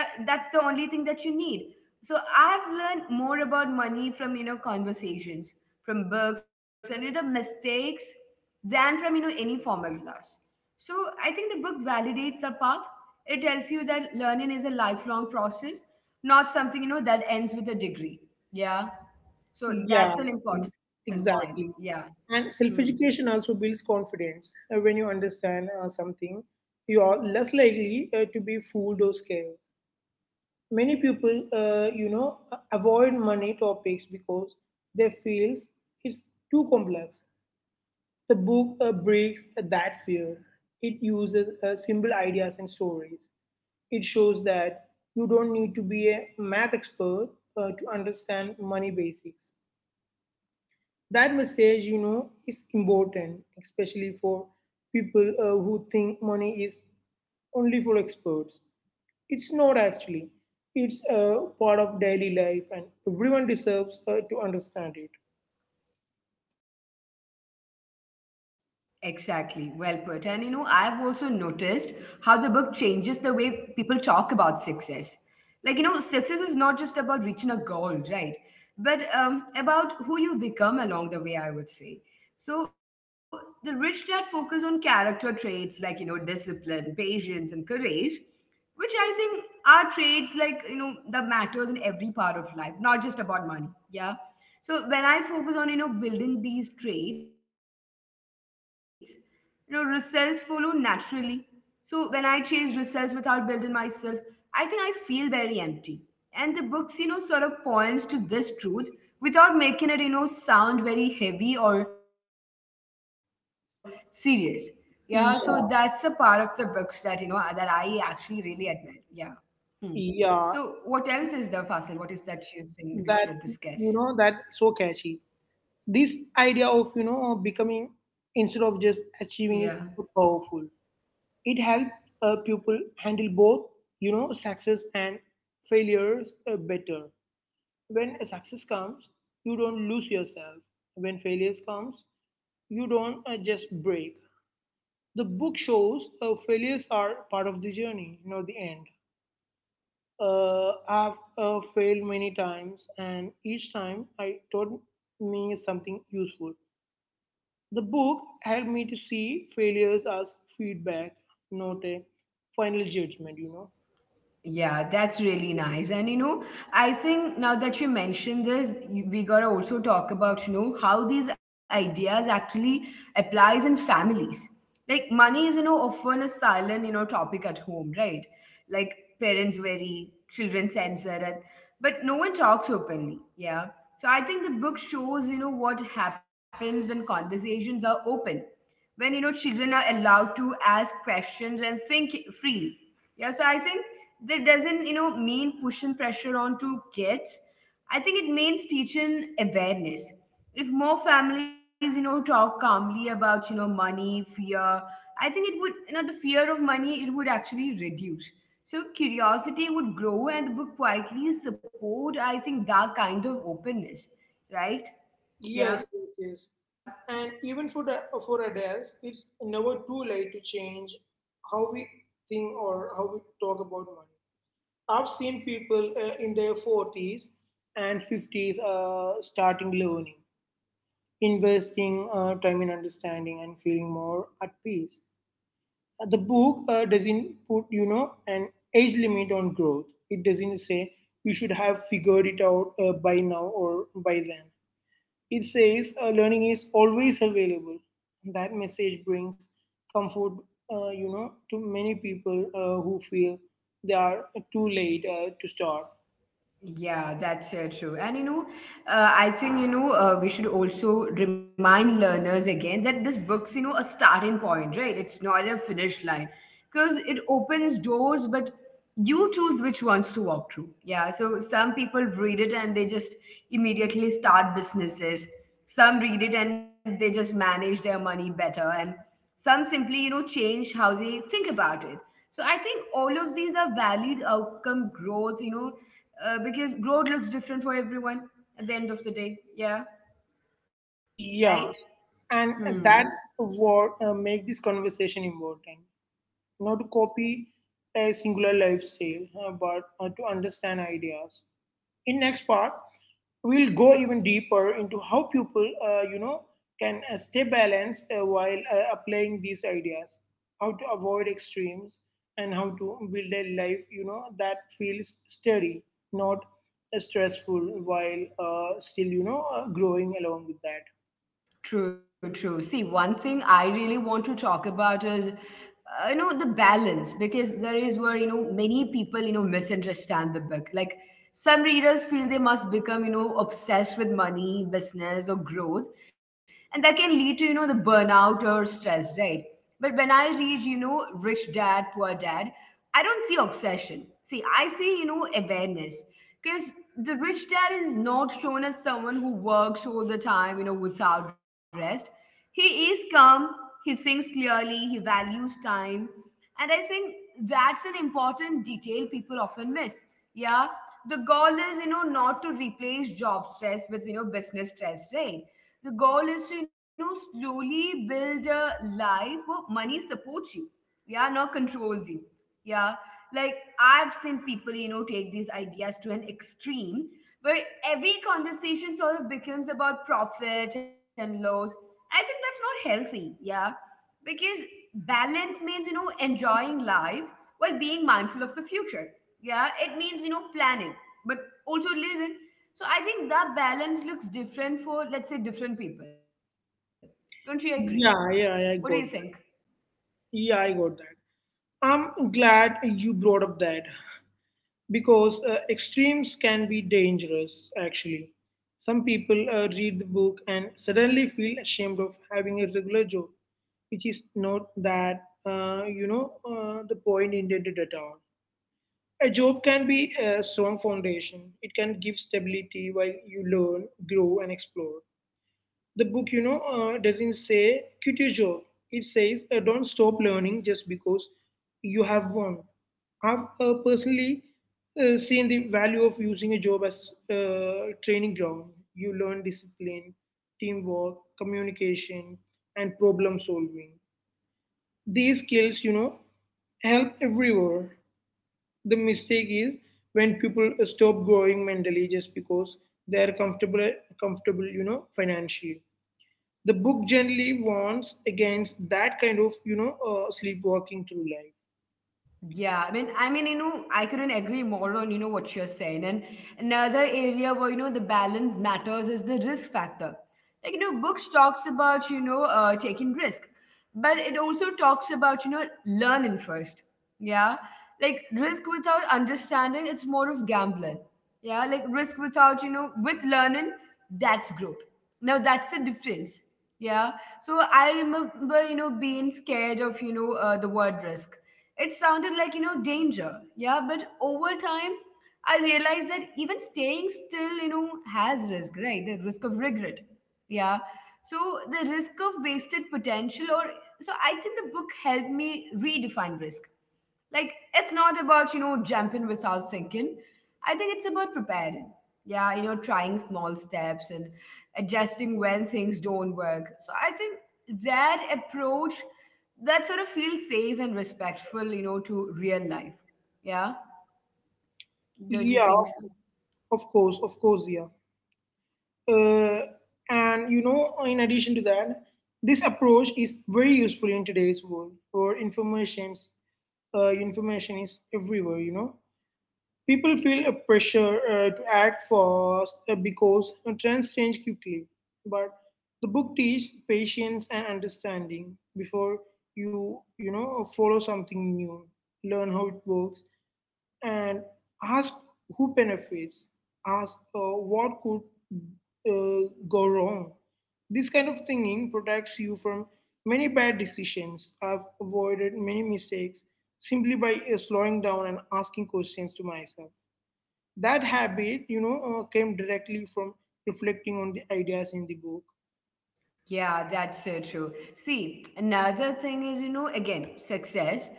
Speaker 1: Yeah, that's the only thing that you need. So I've learned more about money from, you know, conversations, from books, and, you know, the mistakes than from, you know, any formal class. So I think the book validates a path. It tells you that learning is a lifelong process, not something, you know, that ends with a degree. Yeah,
Speaker 2: Yeah, ex-
Speaker 1: so that's an
Speaker 2: exactly.
Speaker 1: important point.
Speaker 2: And self
Speaker 1: Yeah.
Speaker 2: education also
Speaker 1: Hmm.
Speaker 2: builds confidence. When you understand something, you are less likely to be fooled or scared. Many people, avoid money topics because they feel it's too complex. The book breaks that fear. It uses simple ideas and stories. It shows that you don't need to be a math expert to understand money basics. That message, is important, especially for people who think money is only for experts. It's not actually. It's a part of daily life, and everyone deserves to understand it.
Speaker 1: Exactly, well put. And you know, I've also noticed how the book changes the way people talk about success. Like, you know, success is not just about reaching a goal, right? But about who you become along the way, I would say. So, the rich dad focus on character traits like, you know, discipline, patience, and courage, which I think are traits like that matters in every part of life, not just about money. Yeah. So when I focus on building these traits, you know results follow naturally. So when I chase results without building myself, I think I feel very empty. And the books, you know, sort of points to this truth without making it, you know, sound very heavy or serious. Yeah, so that's a part of the books that
Speaker 2: Yeah,
Speaker 1: that I actually really admire. Yeah. Hmm. So, what else
Speaker 2: yeah,
Speaker 1: is there, fossil? What is that you think we should
Speaker 2: that
Speaker 1: discuss?
Speaker 2: that's so catchy. This idea of
Speaker 1: Yeah.
Speaker 2: becoming instead of just achieving is so powerful. It helps people handle both, success and failures, better. When a success comes, you don't lose yourself. When failures comes, you don't just break. The book shows failures are part of the journey, not the end. I've failed many times, and each time I taught me something useful. The book helped me to see failures as feedback, not a final judgment,
Speaker 1: Yeah, that's really nice. And you know, I think now that you mentioned this, we gotta also talk about, you know, how these ideas actually applies in families. Like money is, you know, often a silent, you know, topic at home, right? Like parents worry, children censor it, but no one talks openly. Yeah. So I think the book shows, you know, what happens when conversations are open, when children are allowed to ask questions and think freely. Yeah. So I think that doesn't mean pushing pressure onto kids. I think it means teaching awareness. If more families, you know, talk calmly about, you know, money fear, I think it would, you know, the fear of money, it would actually reduce. So curiosity would grow, and the book quietly support, I think, that kind of openness, right? Yeah.
Speaker 2: Yes, yes, yes. And even for for adults, it's never too late to change how we think or how we talk about money. I've seen people in their 40s and 50s starting learning, investing time in understanding and feeling more at peace. The book doesn't put, an age limit on growth. It doesn't say you should have figured it out by now or by then. It says learning is always available. That message brings comfort, to many people who feel they are too late to start.
Speaker 1: Yeah, that's true. And I think we should also remind learners again that this book's, you know, a starting point, right? It's not a finish line because it opens doors, but you choose which ones to walk through. Yeah, so some people read it and they just immediately start businesses. Some read it and they just manage their money better, and some simply, you know, change how they think about it. So I think all of these are valid outcome growth, you know, because growth looks different for everyone at the end of the day. Yeah, right?
Speaker 2: Yeah, and
Speaker 1: Hmm.
Speaker 2: that's what make this conversation important. Not to copy a singular lifestyle, but to understand ideas. In next part we'll go even deeper into how people, can stay balanced while applying these ideas, how to avoid extremes, and how to build a life that feels steady, not stressful, while still growing along with that.
Speaker 1: True, true. See, one thing I really want to talk about is, you know, the balance, because there is where, you know, many people, you know, misunderstand the book. Like some readers feel they must become, you know, obsessed with money, business, or growth. And that can lead to, you know, the burnout or stress, right? But when I read, you know, Rich Dad, Poor Dad, I don't see obsession. See, I see, you know, awareness. Because the rich dad is not shown as someone who works all the time, you know, without rest. He is calm, he thinks clearly, he values time. And I think that's an important detail people often miss. Yeah. The goal is, you know, not to replace job stress with, you know, business stress, right? The goal is to, you know, slowly build a life where money supports you, yeah, not controls you. Yeah, like I've seen people, you know, take these ideas to an extreme where every conversation sort of becomes about profit and loss. I think that's not healthy. Yeah, because balance means, you know, enjoying life while being mindful of the future. Yeah, it means, you know, planning, but also living. So I think that balance looks different for, let's say, different people. Don't you agree? What do you
Speaker 2: Yeah,
Speaker 1: think?
Speaker 2: yeah, I got that. Yeah, I got that. I'm glad you brought up that, because extremes can be dangerous actually. Some people read the book and suddenly feel ashamed of having a regular job, which is not that, the point intended at all. A job can be a strong foundation. It can give stability while you learn, grow, and explore. The book, doesn't say quit your job. It says don't stop learning just because you have one. I've personally seen the value of using a job as training ground. You learn discipline, teamwork, communication, and problem solving. These skills, help everywhere. The mistake is when people stop growing mentally just because they are comfortable, financially. The book generally warns against that kind of, sleepwalking through life.
Speaker 1: Yeah, I mean, you know, I couldn't agree more on, you know, what you're saying. And another area where, you know, the balance matters is the risk factor. Like, you know, books talks about, you know, taking risk, but it also talks about, you know, learning first. Yeah. Like risk without understanding, it's more of gambling. Yeah. Like risk without, you know, with learning, that's growth. Now that's the difference. Yeah. So I remember, you know, being scared of, you know, the word risk. It sounded like, you know, danger. Yeah, but over time, I realized that even staying still, you know, has risk, right? The risk of regret. Yeah. So the risk of wasted potential, or so I think the book helped me redefine risk. Like, it's not about, you know, jumping without thinking. I think it's about preparing. Yeah, you know, trying small steps and adjusting when things don't work. So I think that approach that sort of feels safe and respectful, you know, to real life. Yeah, don't you
Speaker 2: Yeah,
Speaker 1: think so?
Speaker 2: of course, yeah. Uh, and, in addition to that, this approach is very useful in today's world where information is everywhere, People feel a pressure to act fast because trends change quickly. But the book teaches patience and understanding before you you know follow something new, learn how it works, and ask who benefits, ask what could go wrong. This kind of thinking protects you from many bad decisions. I've avoided many mistakes simply by slowing down and asking questions to myself. That habit, came directly from reflecting on the ideas in the book.
Speaker 1: Yeah, that's so true. See, another thing is, you know, again, success.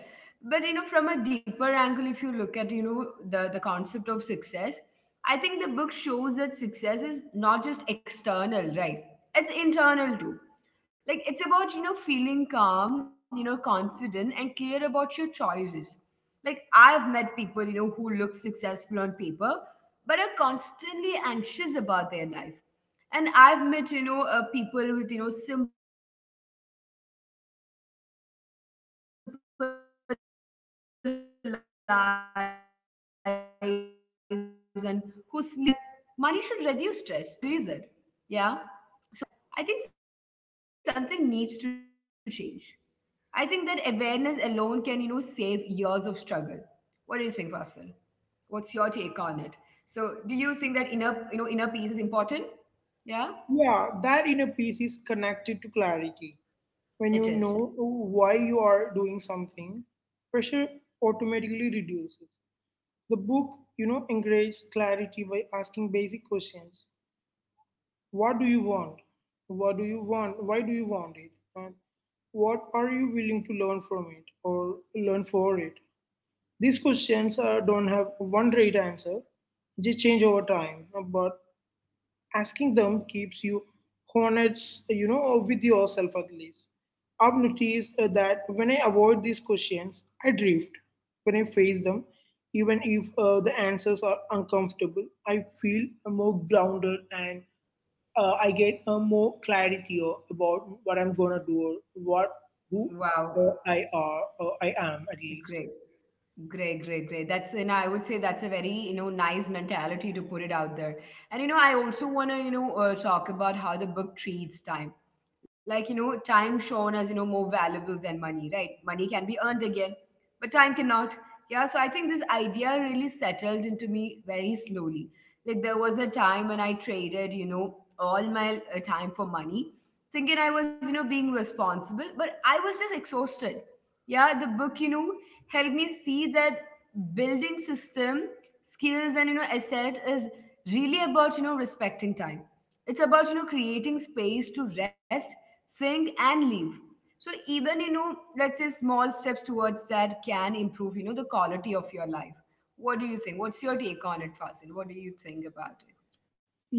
Speaker 1: But you know, from a deeper angle, if you look at, you know, the concept of success, I think the book shows that success is not just external, right? It's internal too. Like it's about, you know, feeling calm, you know, confident and clear about your choices. Like I've met people, you know, who look successful on paper, but are constantly anxious about their life, and I've met, you know, people with, you know, simple lives and who sleep peacefully at night. I think the book helped me understand that money should reduce stress, not increase it. Yeah. So if, you know, if your money choices are making your life harder, I think something needs to change. I think that awareness alone can, you know, save years of struggle. What do you think, Vasil? What's your take on it? So do you think that inner, you know, inner peace is important? Yeah,
Speaker 2: Yeah, that inner peace is connected to clarity. When
Speaker 1: it
Speaker 2: you
Speaker 1: is.
Speaker 2: know why you are doing something, pressure automatically reduces. The book, encourages clarity by asking basic questions. What do you want? What do you want? Why do you want it? And what are you willing to learn from it or learn for it? These questions don't have one right answer, they change over time, but asking them keeps you honest, with yourself at least. I've noticed that when I avoid these questions, I drift. When I face them, even if the answers are uncomfortable, I feel more grounded, and I get more clarity about what I'm gonna do, or what, who
Speaker 1: Wow.
Speaker 2: I are, or I am at least.
Speaker 1: Great. Great, great, great. That's, you know, I would say that's a very, you know, nice mentality to put it out there. And, you know, I also want to, you know, talk about how the book treats time. Like, you know, time shown as, you know, more valuable than money, right? Money can be earned again, but time cannot. Yeah. So I think this idea really settled into me very slowly. Like, there was a time when I traded, you know, all my time for money, thinking I was, you know, being responsible, but I was just exhausted. Yeah, the book, you know, helped me see that building system, skills, and, you know, asset is really about, you know, respecting time. It's about, you know, creating space to rest, think, and leave. So even, you know, let's say small steps towards that can improve, you know, the quality of your life. What do you think? What's your take on it, Fasil? What do you think about it?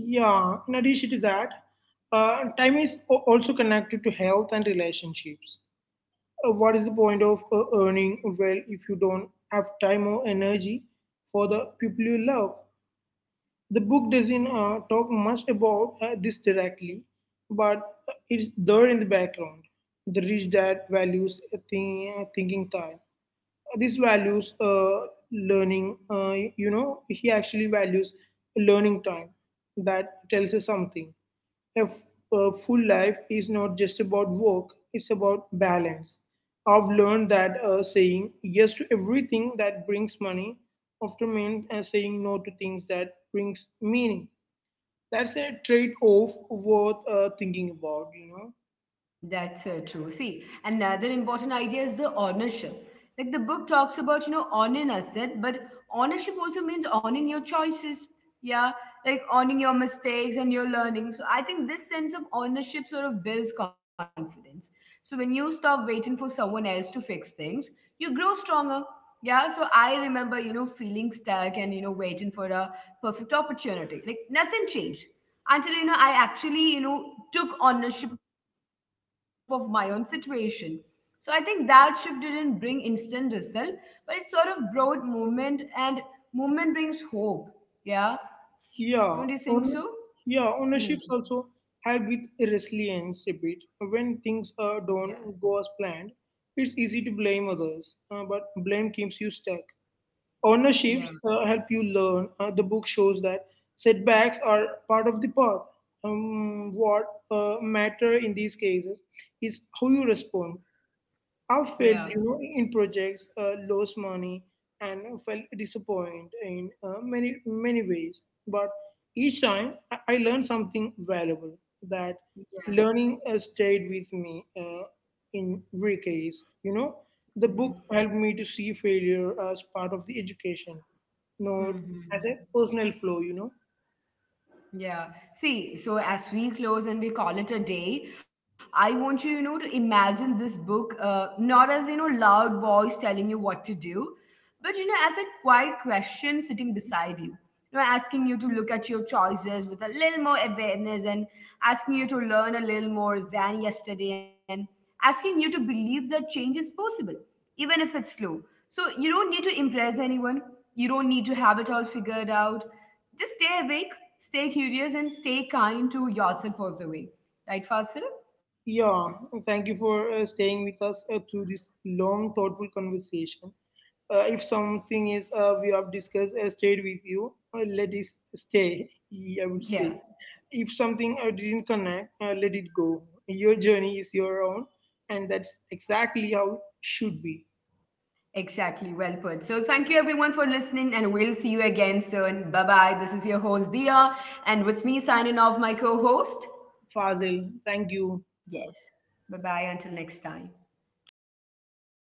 Speaker 2: Yeah, in addition to that, time is also connected to health and relationships. What is the point of earning well if you don't have time or energy for the people you love? The book doesn't talk much about this directly, but it's there in the background. The rich dad values thinking time. This values learning, he actually values learning time. That tells us something. A full life is not just about work, it's about balance. I've learned that saying yes to everything that brings money often means saying no to things that brings meaning. That's a trade-off worth thinking about,
Speaker 1: That's true. See, another important idea is the ownership. Like the book talks about, you know, owning asset, but ownership also means owning your choices. Yeah, like owning your mistakes and your learning. So I think this sense of ownership sort of builds confidence. So when you stop waiting for someone else to fix things, you grow stronger. Yeah. So I remember, you know, feeling stuck and, you know, waiting for a perfect opportunity. Like nothing changed until, you know, I actually, you know, took ownership of my own situation. So I think that shift didn't bring instant result, but it sort of brought movement, and movement brings hope. Yeah,
Speaker 2: Yeah,
Speaker 1: don't you
Speaker 2: on,
Speaker 1: think so?
Speaker 2: yeah, ownerships
Speaker 1: Hmm.
Speaker 2: also help with resilience a bit. When things don't go
Speaker 1: Yeah.
Speaker 2: as planned, it's easy to blame others, but blame keeps you stuck. Ownerships help
Speaker 1: Yeah.
Speaker 2: you learn. The book shows that setbacks are part of the path. What matter in these cases is how you respond. I failed,
Speaker 1: Yeah.
Speaker 2: in projects, lost money, and felt disappointed in many many ways. But each time, I learned something valuable. That
Speaker 1: Yeah.
Speaker 2: learning stayed with me in every case. The
Speaker 1: Mm-hmm.
Speaker 2: book helped me to see failure as part of the education, no, as a
Speaker 1: Mm-hmm.
Speaker 2: personal flow,
Speaker 1: Yeah. See, so as we close and we call it a day, I want you, you know, to imagine this book not as, you know, loud voice telling you what to do, but, you know, as a quiet question sitting beside you. You know, asking you to look at your choices with a little more awareness, and asking you to learn a little more than yesterday, and asking you to believe that change is possible, even if it's slow. So you don't need to impress anyone. You don't need to have it all figured out. Just stay awake, stay curious, and stay kind to yourself all the way. Right, Fasil?
Speaker 2: Yeah, thank you for staying with us through this long, thoughtful conversation. If something is we have discussed stayed with you, let it stay, I would
Speaker 1: Yeah,
Speaker 2: say. If something didn't connect, let it go. Your journey is your own, and that's exactly how it should be.
Speaker 1: exactly. Well put. So thank you everyone for listening, and we'll see you again soon. Bye bye. This is your host Dia, and with me signing off, my co-host.
Speaker 2: Fazil, thank you.
Speaker 1: Yes. Bye bye. Until next time.